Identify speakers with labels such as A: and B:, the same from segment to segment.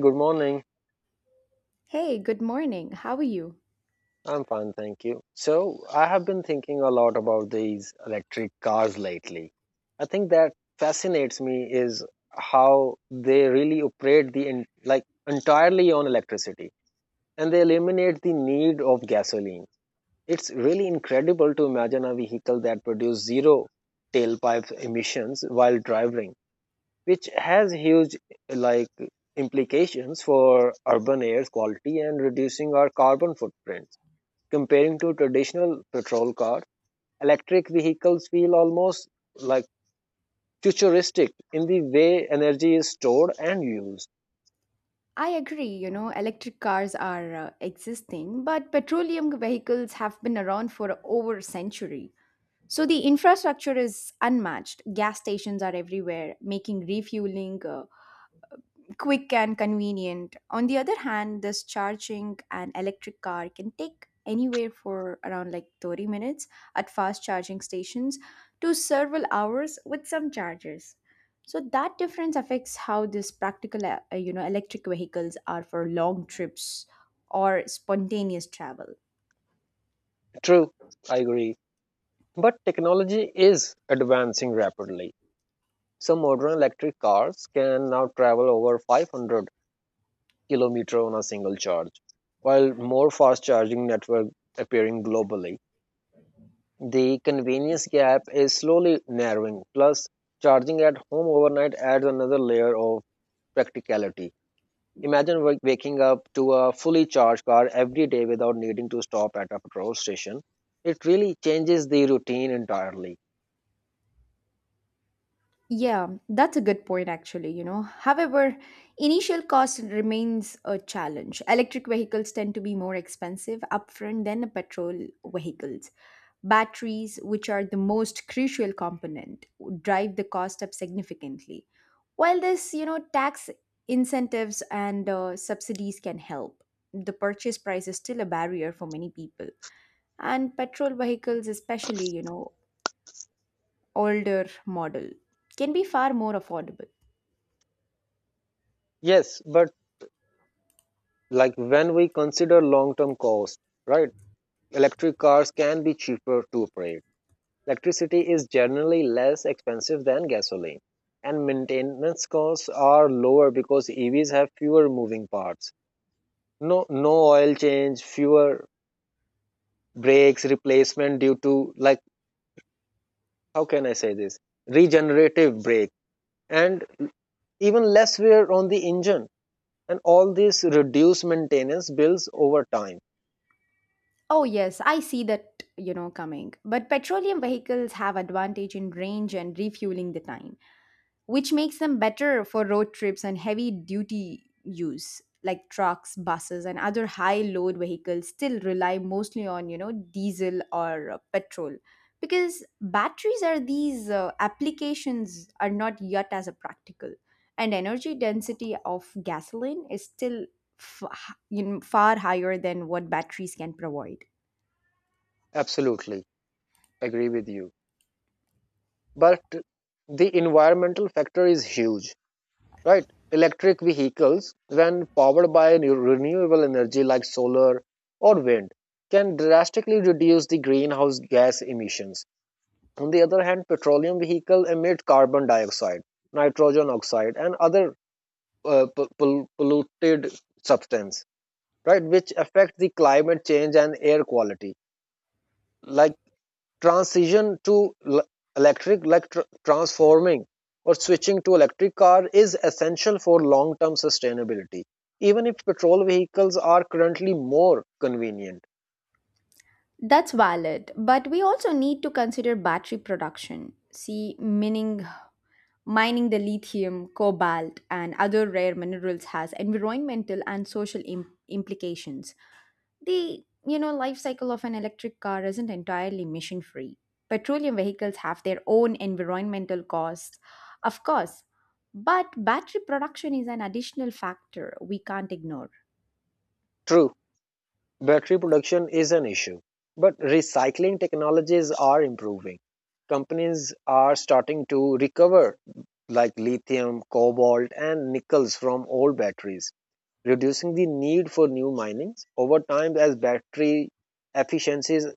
A: Good morning.
B: Hey, good morning. How are you?
A: I'm fine, thank you. So, I have been thinking a lot about these electric cars lately. I think that fascinates me is how they really operate like entirely on electricity, and they eliminate the need of gasoline. It's really incredible to imagine a vehicle that produces zero tailpipe emissions while driving, which has huge, like, implications for urban air quality and reducing our carbon footprint. Comparing to traditional petrol cars, electric vehicles feel almost, like, futuristic in the way energy is stored and used.
B: I agree, you know, electric cars are existing, but petroleum vehicles have been around for over a century. So the infrastructure is unmatched. Gas stations are everywhere, making refueling quick and convenient. On the other hand, this charging an electric car can take anywhere for around like 30 minutes at fast charging stations to several hours with some chargers. So that difference affects how this practical you know electric vehicles are for long trips or spontaneous travel.
A: True, I agree. But technology is advancing rapidly. Some modern electric cars can now travel over 500 kilometers on a single charge. While more fast charging network appearing globally, the convenience gap is slowly narrowing. Plus, charging at home overnight adds another layer of practicality. Imagine waking up to a fully charged car every day without needing to stop at a petrol station. It really changes the routine entirely.
B: Yeah, that's a good point, actually. You know, however, initial cost remains a challenge. Electric vehicles tend to be more expensive upfront than petrol vehicles. Batteries, which are the most crucial component, drive the cost up significantly. While this, you know, tax incentives and subsidies can help, the purchase price is still a barrier for many people. And petrol vehicles, especially, you know, older model, can be far more affordable.
A: Yes, but like when we consider long term cost, right? Electric cars can be cheaper to operate. Electricity is generally less expensive than gasoline, and maintenance costs are lower because EVs have fewer moving parts. No, no oil change, fewer brakes replacement due to, like, how can I say this, regenerative brake, and even less wear on the engine. And all this reduce maintenance bills over time.
B: Oh, yes, I see that, you know, coming. But petroleum vehicles have advantage in range and refueling the time, which makes them better for road trips and heavy duty use. Like trucks, buses, and other high load vehicles still rely mostly on, you know, diesel or petrol because batteries are these applications are not yet as a practical and energy density of gasoline is still f- you know, far higher than what batteries can provide.
A: Absolutely, agree with you. But the environmental factor is huge, right? Electric vehicles, when powered by renewable energy like solar or wind, can drastically reduce the greenhouse gas emissions. On the other hand, petroleum vehicles emit carbon dioxide, nitrogen oxide, and other polluted substance, right, which affect the climate change and air quality. Like, transition to l- electric, like transforming or switching to electric car is essential for long term sustainability, even if petrol vehicles are currently more convenient.
B: That's valid, but we also need to consider battery production. See, mining the lithium, cobalt, and other rare minerals has environmental and social implications. The you know life cycle of an electric car isn't entirely emission free. Petroleum vehicles have their own environmental costs, of course, but battery production is an additional factor we can't ignore.
A: True, battery production is an issue, but recycling technologies are improving. Companies are starting to recover, like, lithium, cobalt, and nickels from old batteries, reducing the need for new minings. Over time, as battery efficiencies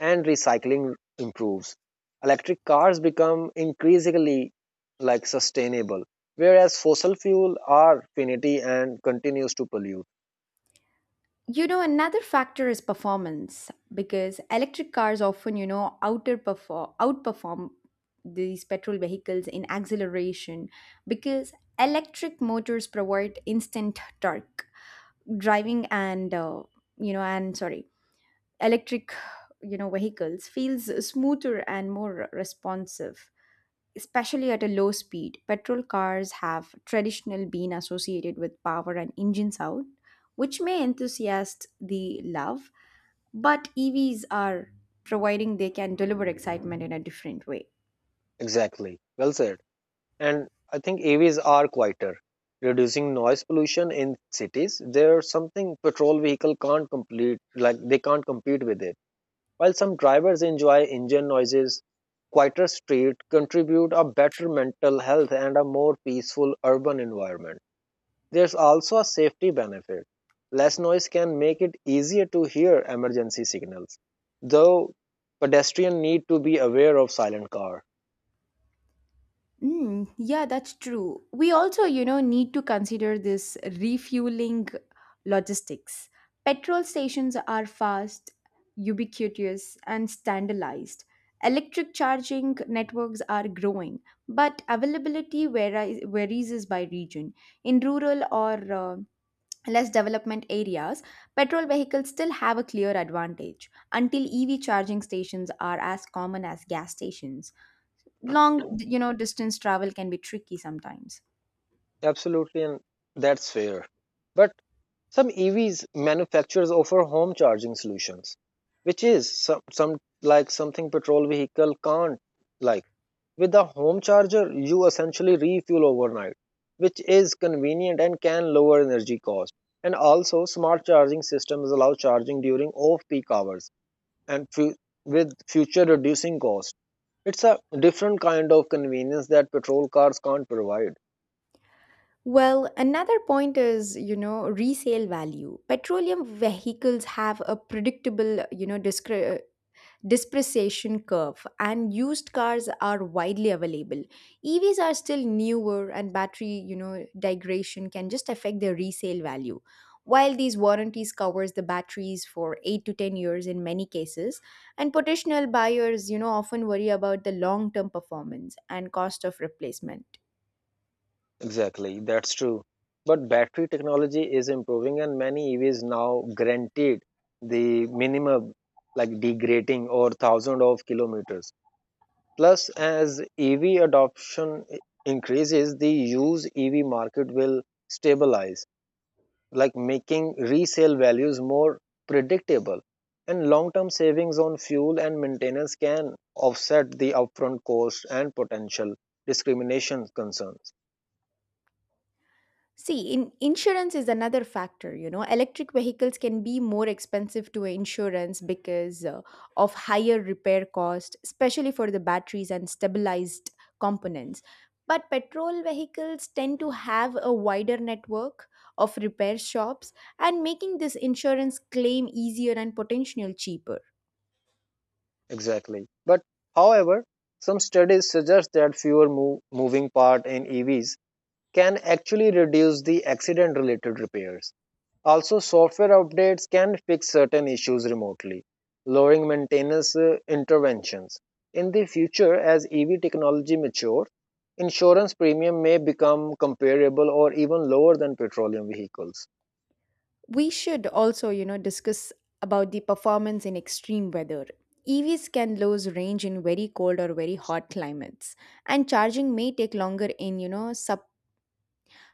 A: and recycling improves, electric cars become increasingly, like, sustainable, whereas fossil fuel are finity and continues to pollute.
B: You know, another factor is performance because electric cars often, you know, outperform these petrol vehicles in acceleration because electric motors provide instant torque. Driving and you know, and sorry, electric you know vehicles feels smoother and more responsive especially at a low speed, petrol cars have traditionally been associated with power and engine sound, which may enthusiasts the love, but EVs are providing they can deliver excitement in a different way.
A: Exactly. Well said. And I think AVs are quieter, reducing noise pollution in cities. There's something petrol vehicle can't complete, like they can't compete with it. While some drivers enjoy engine noises, quieter streets contribute a better mental health and a more peaceful urban environment. There's also a safety benefit. Less noise can make it easier to hear emergency signals, though pedestrians need to be aware of silent car.
B: Mm, yeah, that's true. We also, you know, need to consider this refueling logistics. Petrol stations are fast, ubiquitous, and standardized. Electric charging networks are growing, but availability varies is by region. In rural or less development areas, petrol vehicles still have a clear advantage until EV charging stations are as common as gas stations long you know distance travel can be tricky sometimes.
A: Absolutely, and that's fair. But some EVs manufacturers offer home charging solutions, which is some like something petrol vehicle can't, like. With the home charger, you essentially refuel overnight, which is convenient and can lower energy cost. And also, smart charging systems allow charging during off-peak hours and with future reducing cost. It's a different kind of convenience that petrol cars can't provide.
B: Well, another point is, you know, resale value. Petroleum vehicles have a predictable, you know, depreciation curve, and used cars are widely available. EVs are still newer, and battery, you know, degradation can just affect their resale value. While these warranties covers the batteries for 8 to 10 years in many cases, and potential buyers, you know, often worry about the long-term performance and cost of replacement.
A: Exactly, that's true. But battery technology is improving, and many EVs now guaranteed the minimum, like degrading or thousand of kilometers. Plus, as EV adoption increases, the used EV market will stabilize, like making resale values more predictable. And long term savings on fuel and maintenance can offset the upfront costs and potential discrimination concerns.
B: See, in insurance is another factor. You know, electric vehicles can be more expensive to insurance because of higher repair cost, especially for the batteries and stabilized components. But petrol vehicles tend to have a wider network of repair shops and making this insurance claim easier and potential cheaper.
A: Exactly. But, however, some studies suggest that fewer moving parts in EVs can actually reduce the accident related repairs. Also, software updates can fix certain issues remotely, lowering maintenance interventions. In the future, as EV technology matures, insurance premium may become comparable or even lower than petroleum vehicles.
B: We should also, you know, discuss about the performance in extreme weather. EVs can lose range in very cold or very hot climates, and charging may take longer in, you know, sub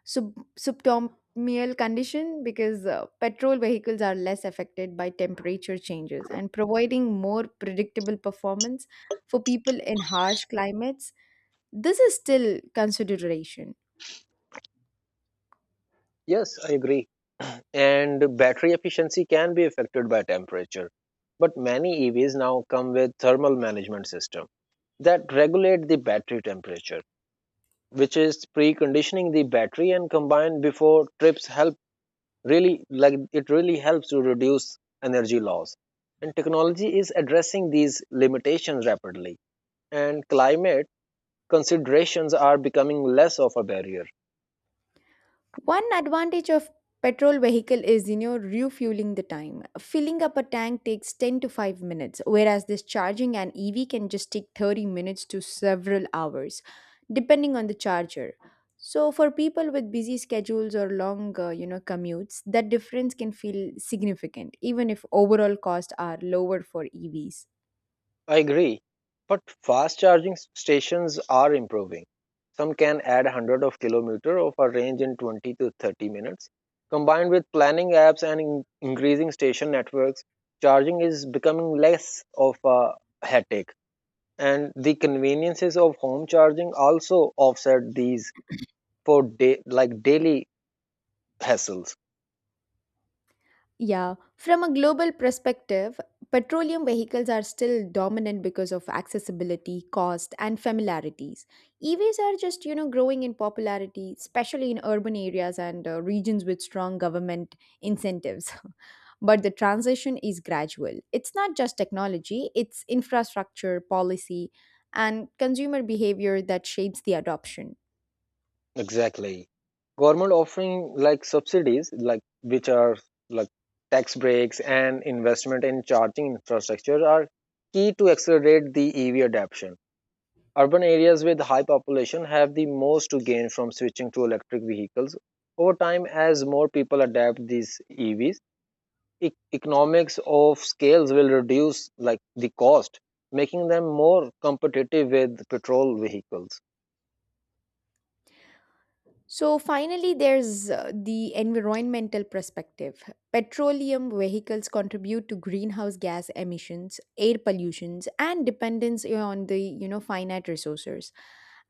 B: sub subtermial condition because petrol vehicles are less affected by temperature changes and providing more predictable performance for people in harsh climates. This is still consideration.
A: Yes, I agree. And battery efficiency can be affected by temperature, but many EVs now come with thermal management system that regulate the battery temperature, which is preconditioning the battery, and combined before trips help really like it really helps to reduce energy loss. And technology is addressing these limitations rapidly, and climate considerations are becoming less of a barrier.
B: One advantage of petrol vehicle is you know refueling the time. Filling up a tank takes 10 to 5 minutes whereas discharging an EV can just take 30 minutes to several hours depending on the charger. So for people with busy schedules or long you know commutes that difference can feel significant even if overall costs are lower for EVs.
A: I agree, but fast charging stations are improving. Some can add 100 of kilometer of a range in 20 to 30 minutes. Combined with planning apps and increasing station networks, charging is becoming less of a headache, and the conveniences of home charging also offset these for day, like daily hassles.
B: Yeah, from a global perspective, petroleum vehicles are still dominant because of accessibility, cost, and familiarities. EVs are just, you know, growing in popularity, especially in urban areas and regions with strong government incentives. but the transition is gradual. It's not just technology, it's infrastructure, policy, and consumer behavior that shapes the adoption.
A: Exactly. Government offering, like, subsidies, like which are, like, tax breaks and investment in charging infrastructure are key to accelerate the EV adoption. Urban areas with high population have the most to gain from switching to electric vehicles. Over time, as more people adapt these EVs, economics of scales will reduce, like, the cost, making them more competitive with petrol vehicles.
B: So finally, there's the environmental perspective. Petroleum vehicles contribute to greenhouse gas emissions, air pollutions, and dependence on the you know finite resources.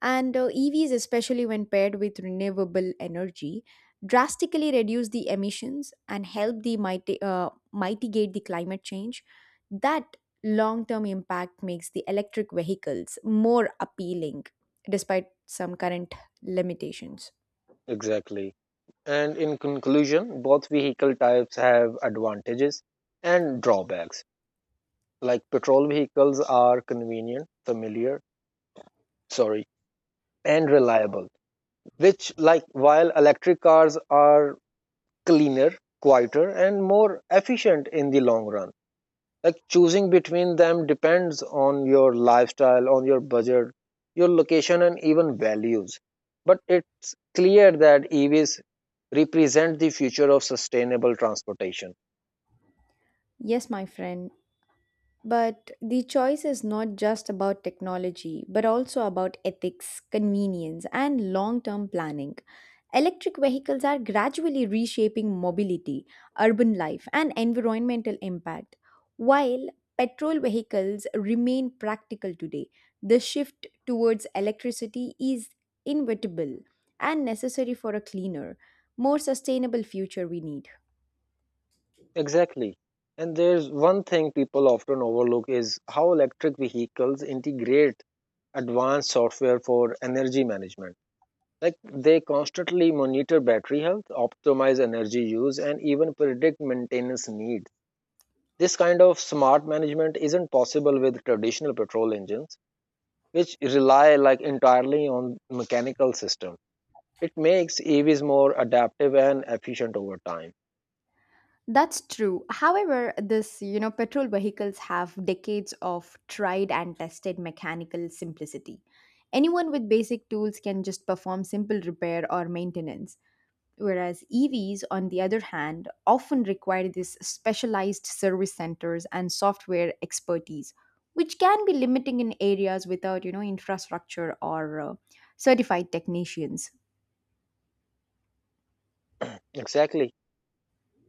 B: And EVs, especially when paired with renewable energy, drastically reduce the emissions and help the mitigate the climate change. That long-term impact makes the electric vehicles more appealing, despite some current limitations.
A: Exactly. And in conclusion, both vehicle types have advantages and drawbacks. Like, petrol vehicles are convenient, familiar, sorry, and reliable, which like, while electric cars are cleaner, quieter, and more efficient in the long run. Like, choosing between them depends on your lifestyle, on your budget, your location, and even values. But it's clear that EVs represent the future of sustainable transportation.
B: Yes, my friend, but the choice is not just about technology, but also about ethics, convenience, and long term planning. Electric vehicles are gradually reshaping mobility, urban life, and environmental impact. While petrol vehicles remain practical today, the shift towards electricity is inevitable and necessary for a cleaner, more sustainable future we need.
A: Exactly. And there's one thing people often overlook is how electric vehicles integrate advanced software for energy management. Like, they constantly monitor battery health, optimize energy use, and even predict maintenance needs. This kind of smart management isn't possible with traditional petrol engines, which rely like entirely on mechanical system. It makes EVs more adaptive and efficient over time.
B: That's true. However, this, you know, petrol vehicles have decades of tried and tested mechanical simplicity. Anyone with basic tools can just perform simple repair or maintenance, whereas EVs, on the other hand, often require these specialized service centers and software expertise, which can be limiting in areas without, you know, infrastructure or certified technicians.
A: Exactly.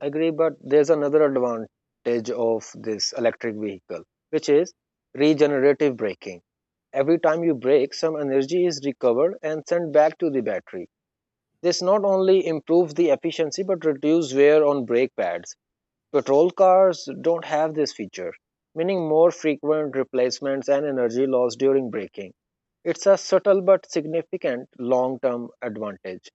A: Agree, but there's another advantage of this electric vehicle, which is regenerative braking. Every time you brake, some energy is recovered and sent back to the battery. This not only improves the efficiency but reduces wear on brake pads. Petrol cars don't have this feature, meaning more frequent replacements and energy loss during braking. It's a subtle but significant long term advantage.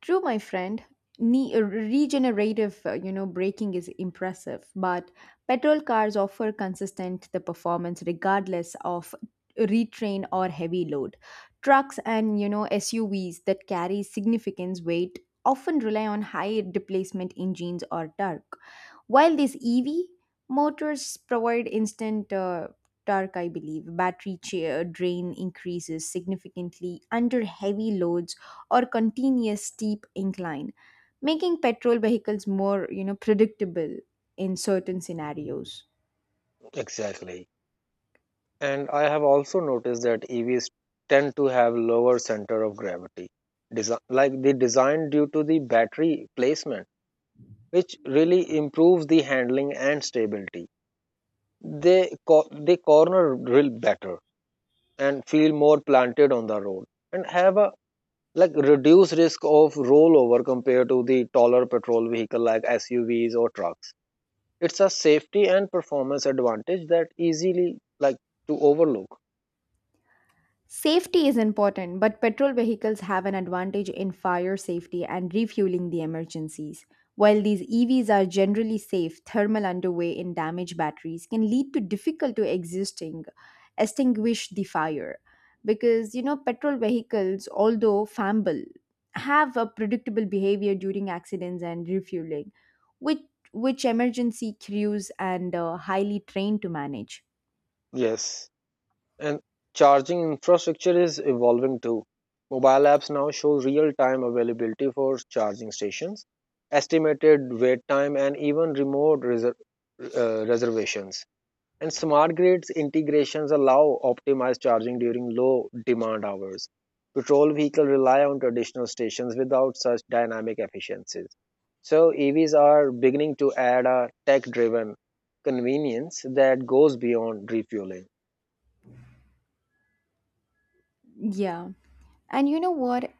B: True, my friend. Regenerative, you know, braking is impressive, but petrol cars offer consistent the performance regardless of retrain or heavy load. Trucks and you know SUVs that carry significant weight often rely on high displacement engines or torque. While these EV motors provide instant torque, I believe, drain increases significantly under heavy loads or continuous steep incline, making petrol vehicles more you know predictable in certain scenarios.
A: Exactly. And I have also noticed that EVs tend to have lower center of gravity, like the design due to the battery placement, which really improves the handling and stability. They corner drill better and feel more planted on the road, and have a, like, reduce risk of rollover compared to the taller petrol vehicle like SUVs or trucks. It's a safety and performance advantage that easily, like, to overlook.
B: Safety is important, but petrol vehicles have an advantage in fire safety and refueling the emergencies. While these EVs are generally safe, thermal underway in damaged batteries can lead to difficult to existing extinguish the fire because you know petrol vehicles although flammable have a predictable behavior during accidents and refueling which which emergency crews and highly trained to manage.
A: Yes. And charging infrastructure is evolving too. Mobile apps now show real-time availability for charging stations, estimated wait time, and even remote reservations. And smart grids integrations allow optimized charging during low demand hours. Petrol vehicles rely on traditional stations without such dynamic efficiencies. So EVs are beginning to add a tech-driven convenience that goes beyond refueling.
B: Yeah. And you know what?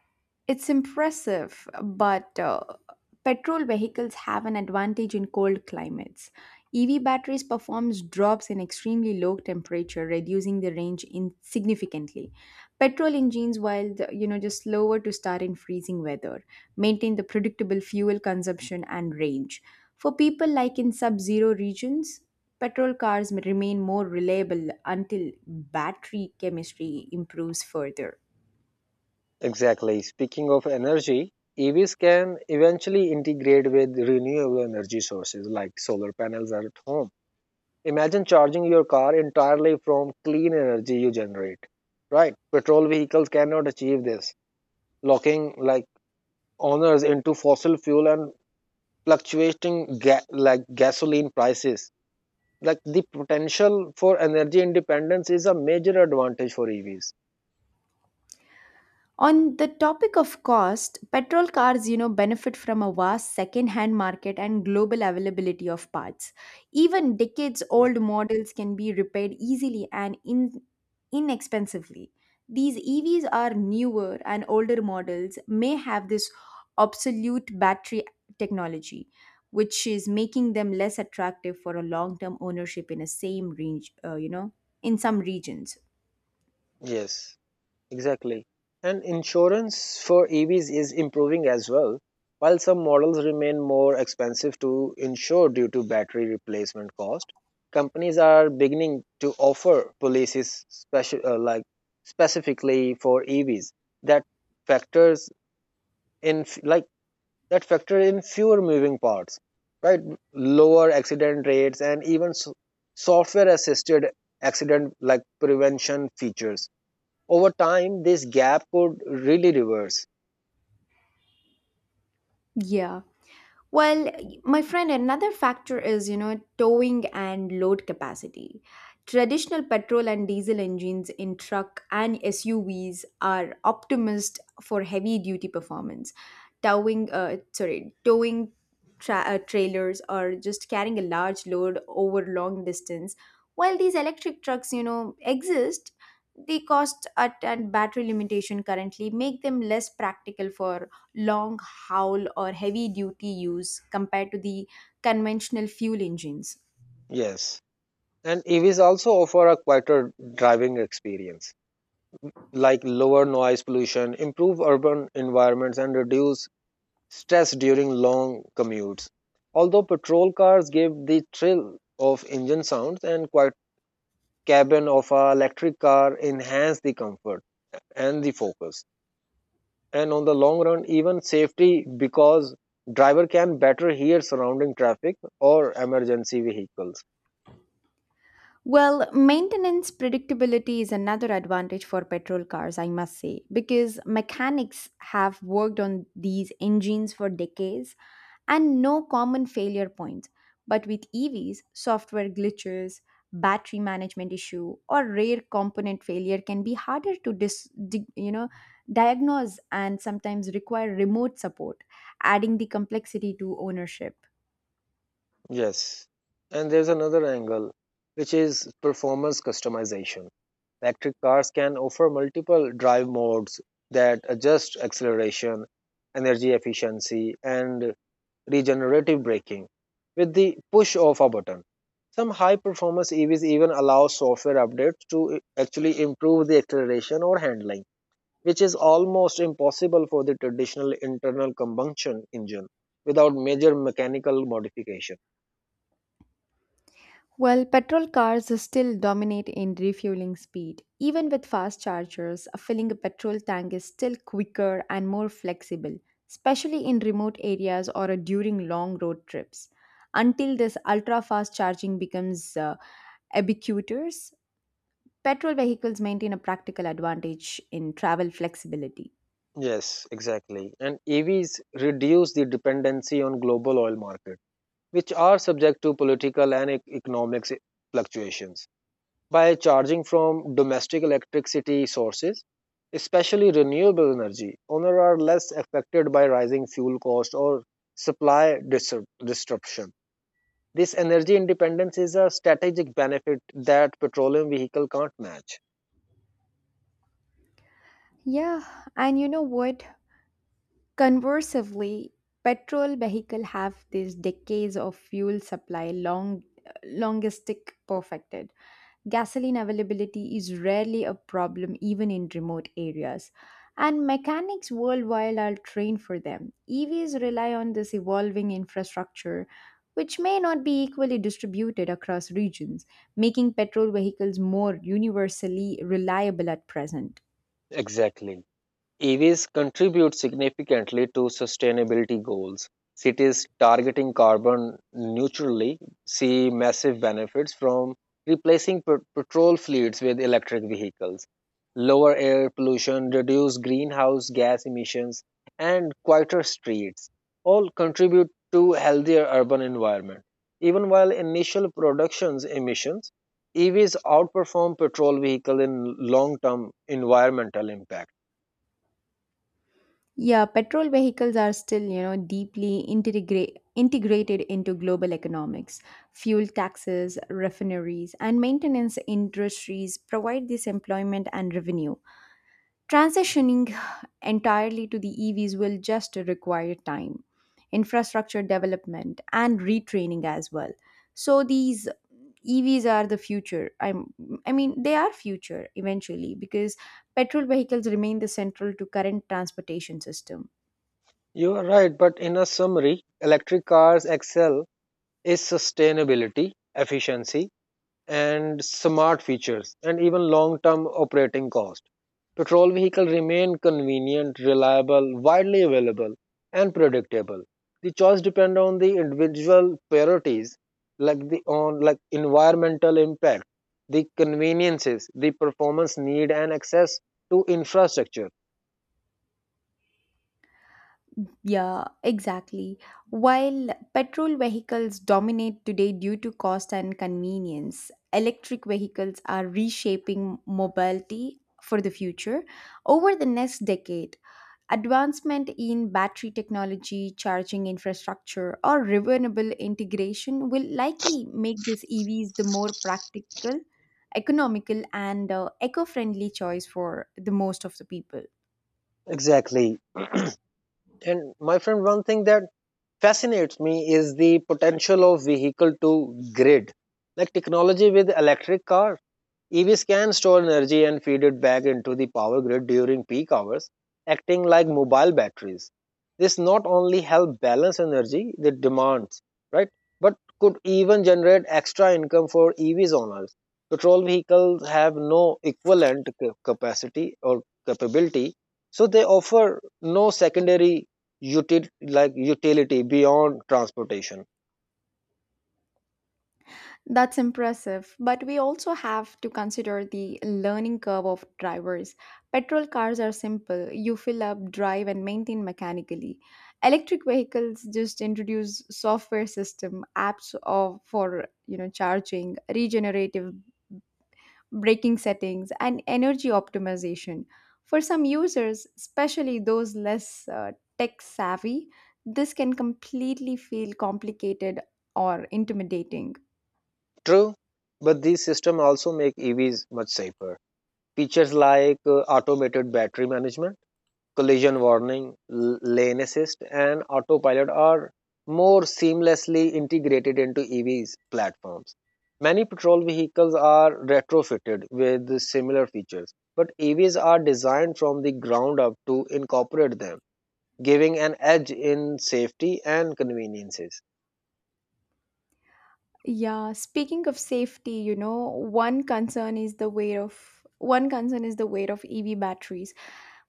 B: It's impressive, but petrol vehicles have an advantage in cold climates. EV batteries performs drops in extremely low temperature, reducing the range in significantly. Petrol engines, while the, you know just slower to start in freezing weather, maintain the predictable fuel consumption and range. For people like in sub-zero regions, petrol cars may remain more reliable until battery chemistry improves further.
A: Exactly. Speaking of energy, EVs can eventually integrate with renewable energy sources like solar panels at home. Imagine charging your car entirely from clean energy you generate. Right? Petrol vehicles cannot achieve this, locking, like, owners into fossil fuel and fluctuating like gasoline prices. Like, the potential for energy independence is a major advantage for EVs.
B: On the topic of cost, petrol cars, you know, benefit from a vast second-hand market and global availability of parts. Even decades-old models can be repaired easily and inexpensively. These EVs are newer and older models may have this obsolete battery technology, which is making them less attractive for a long-term ownership in a same range, you know, in some regions.
A: Yes. Exactly. And insurance for EVs is improving as well. While some models remain more expensive to insure due to battery replacement cost, companies are beginning to offer policies special specifically for EVs that factors in f- like that factor in fewer moving parts, right? Lower accident rates and even software assisted accident, like, prevention features. Over time, this gap could really reverse.
B: Yeah. Well, my friend, another factor is, you know, towing and load capacity. Traditional petrol and diesel engines in truck and SUVs are optimized for heavy duty performance. Towing trailers or just carrying a large load over long distance. While these electric trucks, you know, exist, the cost at, and battery limitation currently make them less practical for long howl or heavy duty use compared to the conventional fuel engines.
A: Yes. And EVs also offer a quieter driving experience, like lower noise pollution, improve urban environments, and reduce stress during long commutes. Although petrol cars give the thrill of engine sounds, and quiet cabin of a electric car enhance the comfort and the focus. And on the long run, even safety, because driver can better hear surrounding traffic or emergency vehicles.
B: Well, maintenance predictability is another advantage for petrol cars, I must say, because mechanics have worked on these engines for decades and no common failure points. But with EVs, software glitches, battery management issue, or rare component failure can be harder to you know diagnose and sometimes require remote support, adding the complexity to ownership.
A: Yes. And there's another angle, which is performance customization. Electric cars can offer multiple drive modes that adjust acceleration, energy efficiency, and regenerative braking with the push of a button. Some high performance EVs even allow software updates to actually improve the acceleration or handling, which is almost impossible for the traditional internal combustion engine without major mechanical modification.
B: Well, petrol cars still dominate in refueling speed. Even with fast chargers, filling a petrol tank is still quicker and more flexible, especially in remote areas or during long road trips. Until this ultra fast charging becomes ubiquitous, petrol vehicles maintain a practical advantage in travel flexibility.
A: Yes, exactly. And EVs reduce the dependency on global oil market, which are subject to political and economic fluctuations. By charging from domestic electricity sources, especially renewable energy, owners are less affected by rising fuel cost or supply disruption. This energy independence is a strategic benefit that petroleum vehicle can't match.
B: Yeah, and you know what? Conversely, petrol vehicles have these decades of fuel supply long logistic perfected. Gasoline availability is rarely a problem even in remote areas. And mechanics worldwide are trained for them. EVs rely on this evolving infrastructure, which may not be equally distributed across regions, making petrol vehicles more universally reliable at present.
A: Exactly. EVs contribute significantly to sustainability goals. Cities targeting carbon neutrally see massive benefits from replacing petrol fleets with electric vehicles. Lower air pollution, reduced greenhouse gas emissions, and quieter streets all contribute to healthier urban environment. Even while initial productions emissions, EVs outperform petrol vehicles in long-term environmental impact.
B: Yeah, petrol vehicles are still, you know, deeply integrated into global economics. Fuel taxes, refineries, and maintenance industries provide this employment and revenue. Transitioning entirely to the EVs will just require time, infrastructure development, and retraining as well. So these EVs are the future. I mean, they are future eventually because petrol vehicles remain the central to current transportation system.
A: You are right, but in a summary, electric cars excel is sustainability, efficiency, and smart features, and even long term operating cost. Petrol vehicles remain convenient, reliable, widely available, and predictable. The choice depends on the individual priorities, like the on like environmental impact, the conveniences, the performance need, and access to infrastructure.
B: Yeah, exactly. While petrol vehicles dominate today due to cost and convenience, electric vehicles are reshaping mobility for the future. Over the next decade, advancement in battery technology, charging infrastructure, or renewable integration will likely make these EVs the more practical, economical, and eco friendly choice for the most of the people.
A: Exactly. And my friend, one thing that fascinates me is the potential of vehicle to grid technology with electric car. EVs can store energy and feed it back into the power grid during peak hours, acting like mobile batteries. This not only help balance energy the demands, right, but could even generate extra income for EVs owners. Petrol vehicles have no equivalent capacity or capability, so they offer no secondary utility beyond transportation.
B: That's impressive, but we also have to consider the learning curve of drivers. Petrol cars are simple, you fill up, drive, and maintain mechanically. Electric vehicles just introduce software system, apps of, for charging, regenerative braking settings, and energy optimization. For some users, especially those less tech savvy, this can completely feel complicated or intimidating.
A: True, but these systems also make EVs much safer. Features like automated battery management, collision warning, lane assist, and autopilot are more seamlessly integrated into EVs platforms. Many petrol vehicles are retrofitted with similar features, but EVs are designed from the ground up to incorporate them, giving an edge in safety and conveniences.
B: Yeah, speaking of safety, you know, one concern is the weight of EV batteries.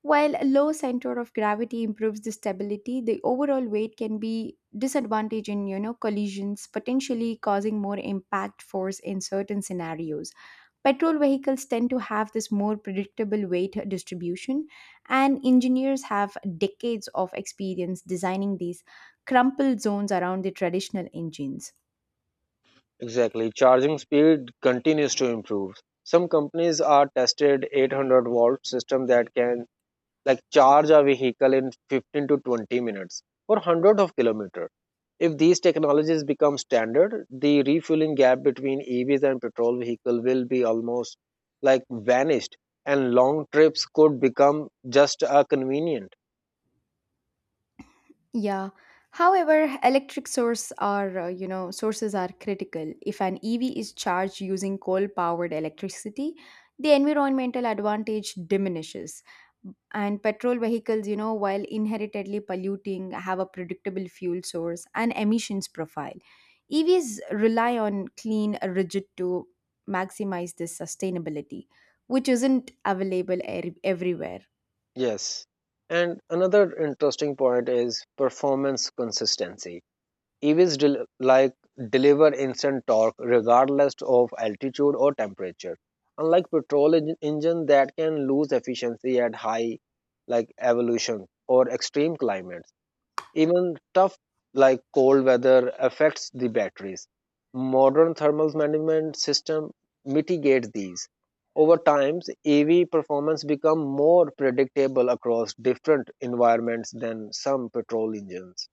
B: While a low center of gravity improves the stability, the overall weight can be disadvantage in, you know, collisions, potentially causing more impact force in certain scenarios. Petrol vehicles tend to have this more predictable weight distribution, and engineers have decades of experience designing these crumpled zones around the traditional engines.
A: Exactly. Charging speed continues to improve. Some companies are tested 800-volt system that can charge a vehicle in 15 to 20 minutes for hundreds of kilometers. If these technologies become standard, the refueling gap between EVs and petrol vehicle will be almost vanished, and long trips could become just a convenient.
B: Yeah. However, electric source are, you know, sources are critical. If an EV is charged using coal-powered electricity, the environmental advantage diminishes. And petrol vehicles, you know, while inherently polluting, have a predictable fuel source and emissions profile. EVs rely on clean rigid to maximize this sustainability, which isn't available everywhere.
A: Yes. And another interesting point is performance consistency. EVs deliver instant torque regardless of altitude or temperature. Unlike petrol engine that can lose efficiency at high evolution or extreme climates. Even tough cold weather affects the batteries. Modern thermal management system mitigate these. Over time, EV performance become more predictable across different environments than some petrol engines.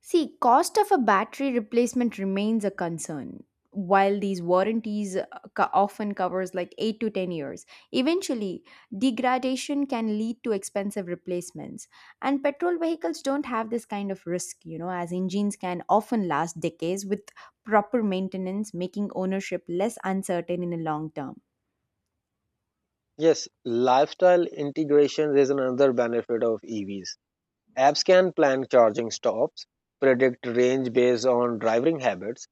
B: See, cost of a battery replacement remains a concern. While these warranties often covers like 8 to 10 years, eventually degradation can lead to expensive replacements. And petrol vehicles don't have this kind of risk, you know, as engines can often last decades with proper maintenance, making ownership less uncertain in the long term.
A: Yes, lifestyle integration is another benefit of EVs. Apps can plan charging stops, predict range based on driving habits,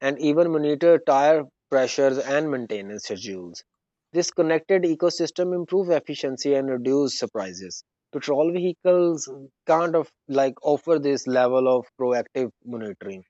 A: and even monitor tire pressures and maintenance schedules. This connected ecosystem improves efficiency and reduce surprises. Petrol vehicles can't of, like offer this level of proactive monitoring.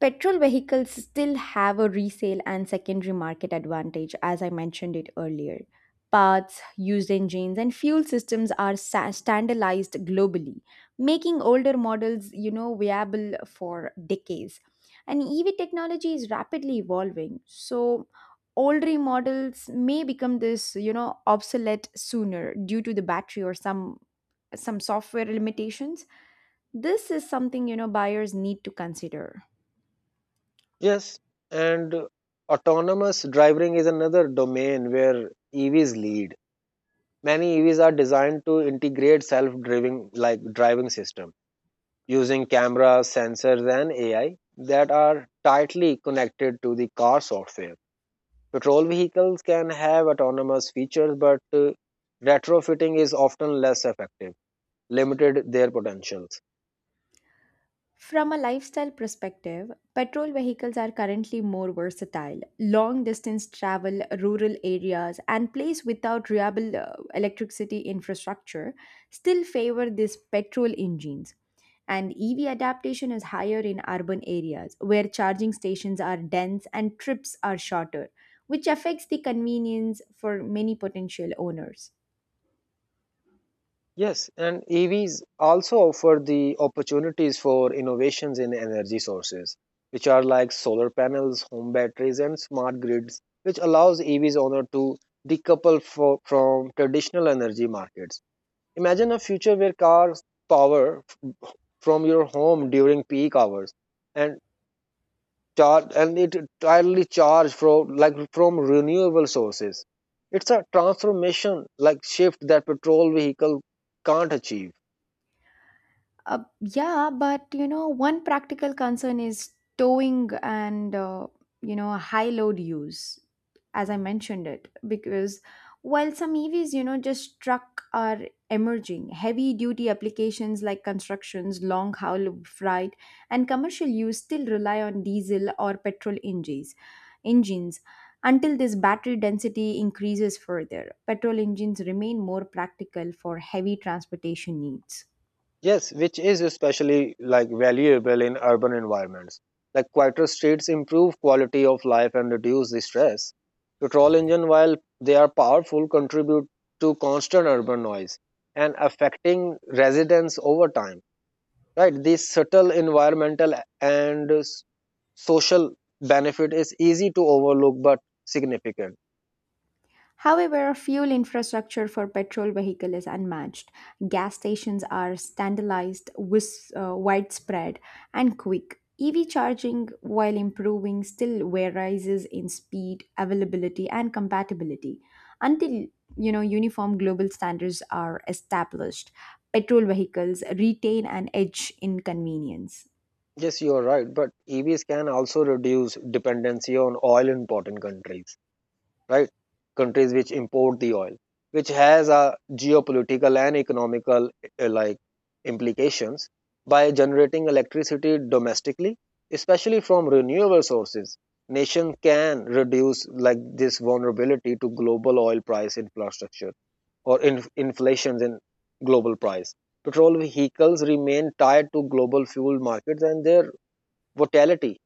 B: Petrol vehicles still have a resale and secondary market advantage, as I mentioned it earlier. Parts, used engines, and fuel systems are standardized globally, making older models, you know, viable for decades. And EV technology is rapidly evolving, so older models may become this, you know, obsolete sooner due to the battery or some software limitations. This is something you know buyers need to consider.
A: Yes, and autonomous driving is another domain where EVs lead. Many EVs are designed to integrate self-driving like driving system using cameras, sensors and AI that are tightly connected to the car software. Petrol vehicles can have autonomous features but retrofitting is often less effective, limited their potentials.
B: From a lifestyle perspective, petrol vehicles are currently more versatile. Long distance travel, rural areas, and place without reliable electricity infrastructure still favor these petrol engines. And EV adaptation is higher in urban areas where charging stations are dense and trips are shorter, which affects the convenience for many potential owners.
A: Yes, and EVs also offer the opportunities for innovations in energy sources, which are like solar panels, home batteries, and smart grids, which allows EVs owner to decouple from traditional energy markets. Imagine a future where cars power from your home during peak hours and charge and it entirely charge from from renewable sources. It's a transformation like shift that petrol vehicle can't achieve.
B: Yeah, but you know, one practical concern is towing and you know high load use, as I mentioned it, because while some EVs you know just truck are emerging, heavy duty applications like constructions, long haul freight, and commercial use still rely on diesel or petrol engines. Engines until this battery density increases further, petrol engines remain more practical for heavy transportation needs.
A: Yes, which is especially like valuable in urban environments. Like quieter streets improve quality of life and reduce the stress. Petrol engine, while they are powerful, contribute to constant urban noise and affecting residents over time. Right, this subtle environmental and social benefit is easy to overlook but significant.
B: However, fuel infrastructure for petrol vehicle is unmatched. Gas stations are standardized, widespread, and quick. EV charging, while improving, still varies in speed, availability, and compatibility. Until you know uniform global standards are established, petrol vehicles retain an edge in convenience.
A: Yes, you are right, but EVs can also reduce dependency on oil in important countries, right? Countries which import the oil, which has a geopolitical and economical uh, like implications by generating electricity domestically, especially from renewable sources. Nation can reduce this vulnerability to global oil price infrastructure or inflations in global price. Petrol vehicles remain tied to global fuel markets and their volatility.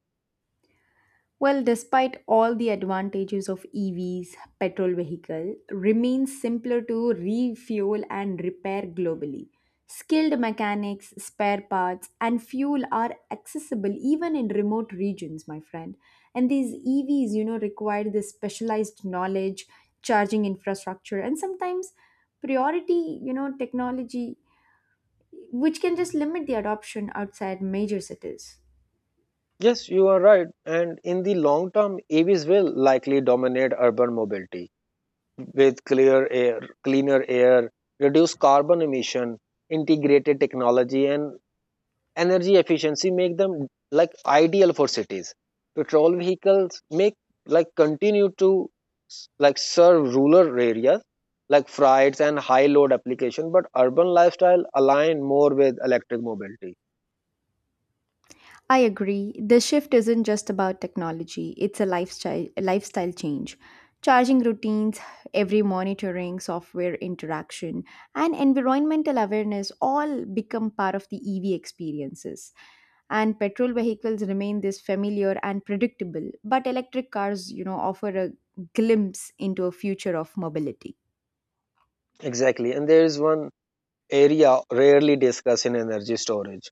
B: Well, despite all the advantages of EVs, petrol vehicle remains simpler to refuel and repair globally. Skilled mechanics, spare parts, and fuel are accessible even in remote regions, my friend. And these EVs, you know, require the specialized knowledge, charging infrastructure, and sometimes priority, you know, technology, which can just limit the adoption outside major cities.
A: Yes, you are right. And in the long term, AVs will likely dominate urban mobility with cleaner air, reduced carbon emission, integrated technology, and energy efficiency make them like ideal for cities. Petrol vehicles make like continue to serve rural areas like freights and high load application, but urban lifestyle align more with electric mobility.
B: I agree. The shift isn't just about technology, it's a lifestyle change. Charging routines, every monitoring, software interaction, and environmental awareness all become part of the EV experiences. And petrol vehicles remain this familiar and predictable, but electric cars, you know, offer a glimpse into a future of mobility.
A: Exactly. And there is one area rarely discussed in energy storage,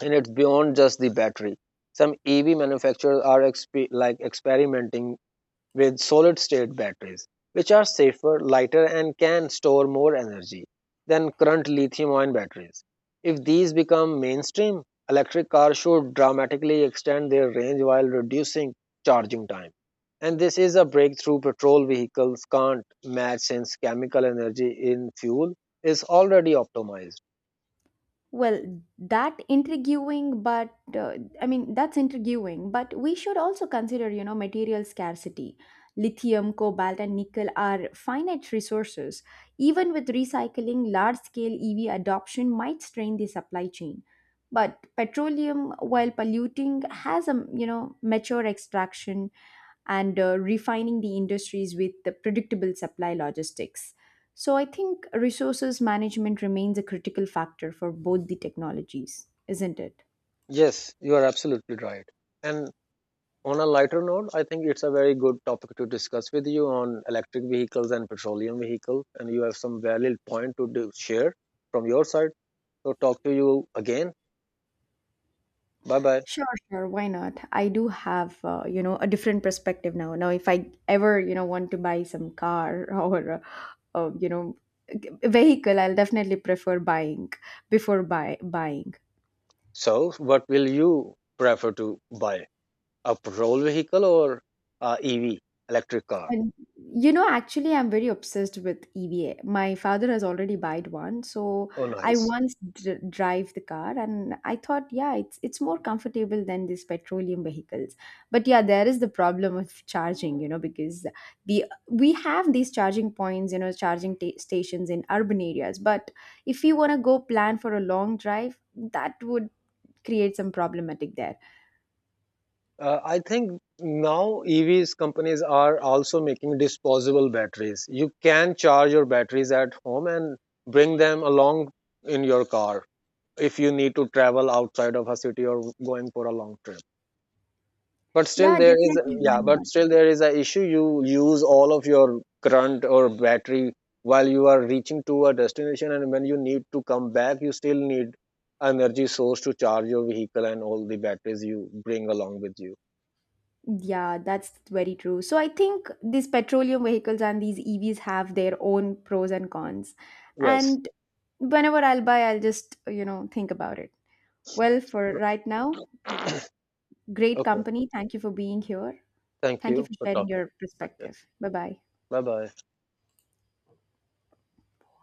A: and it's beyond just the battery. Some EV manufacturers are experimenting with solid state batteries, which are safer, lighter, and can store more energy than current lithium ion batteries. If these become mainstream, electric cars should dramatically extend their range while reducing charging time. And this is a breakthrough petrol vehicles can't match, since chemical energy in fuel is already optimized.
B: Well, that intriguing, but uh, I mean, that's intriguing, but we should also consider, you know, material scarcity. Lithium, cobalt, and nickel are finite resources. Even with recycling, large scale EV adoption might strain the supply chain. But petroleum, while polluting, has a, you know, mature extraction and refining the industries with the predictable supply logistics. So I think resources management remains a critical factor for both the technologies, isn't it?
A: Yes, you are absolutely right. And on a lighter note, I think it's a very good topic to discuss with you on electric vehicles and petroleum vehicles. And you have some valid point to do, share from your side. So talk to you again. Bye bye.
B: Sure, sure. Why not? I do have, you know, a different perspective now. Now, if I ever, you know, want to buy some car or, you know, a vehicle, I'll definitely prefer buying before buying.
A: So what will you prefer to buy? A petrol vehicle or a EV electric car?
B: And you know, actually, I'm very obsessed with EVA. My father has already bought one, so
A: Oh,
B: I
A: nice.
B: once drive the car, and I thought, yeah, it's more comfortable than these petroleum vehicles. But yeah, there is the problem of charging, you know, because the we have these charging points, you know, charging ta stations in urban areas. But if you want to go plan for a long drive, that would create some problematic there.
A: I think now EVs companies are also making disposable batteries. You can charge your batteries at home and bring them along in your car if you need to travel outside of a city or going for a long trip. But still,
B: Yeah,
A: there is
B: definitely, why not?
A: a issue. You use all of your current or battery while you are reaching to a destination, and when you need to come back, you still need energy source to charge your vehicle and all the batteries you bring along with you.
B: Yeah, that's very true. So I think these petroleum vehicles and these EVs have their own pros and cons.
A: Yes.
B: And whenever I'll buy, I'll just, you know, think about it. Well, for right now, great
A: Okay.
B: company. Thank you for being here.
A: Thank
B: Thank you
A: you
B: for
A: for
B: sharing
A: talking.
B: your
A: I guess.
B: perspective. Bye bye.
A: Bye bye.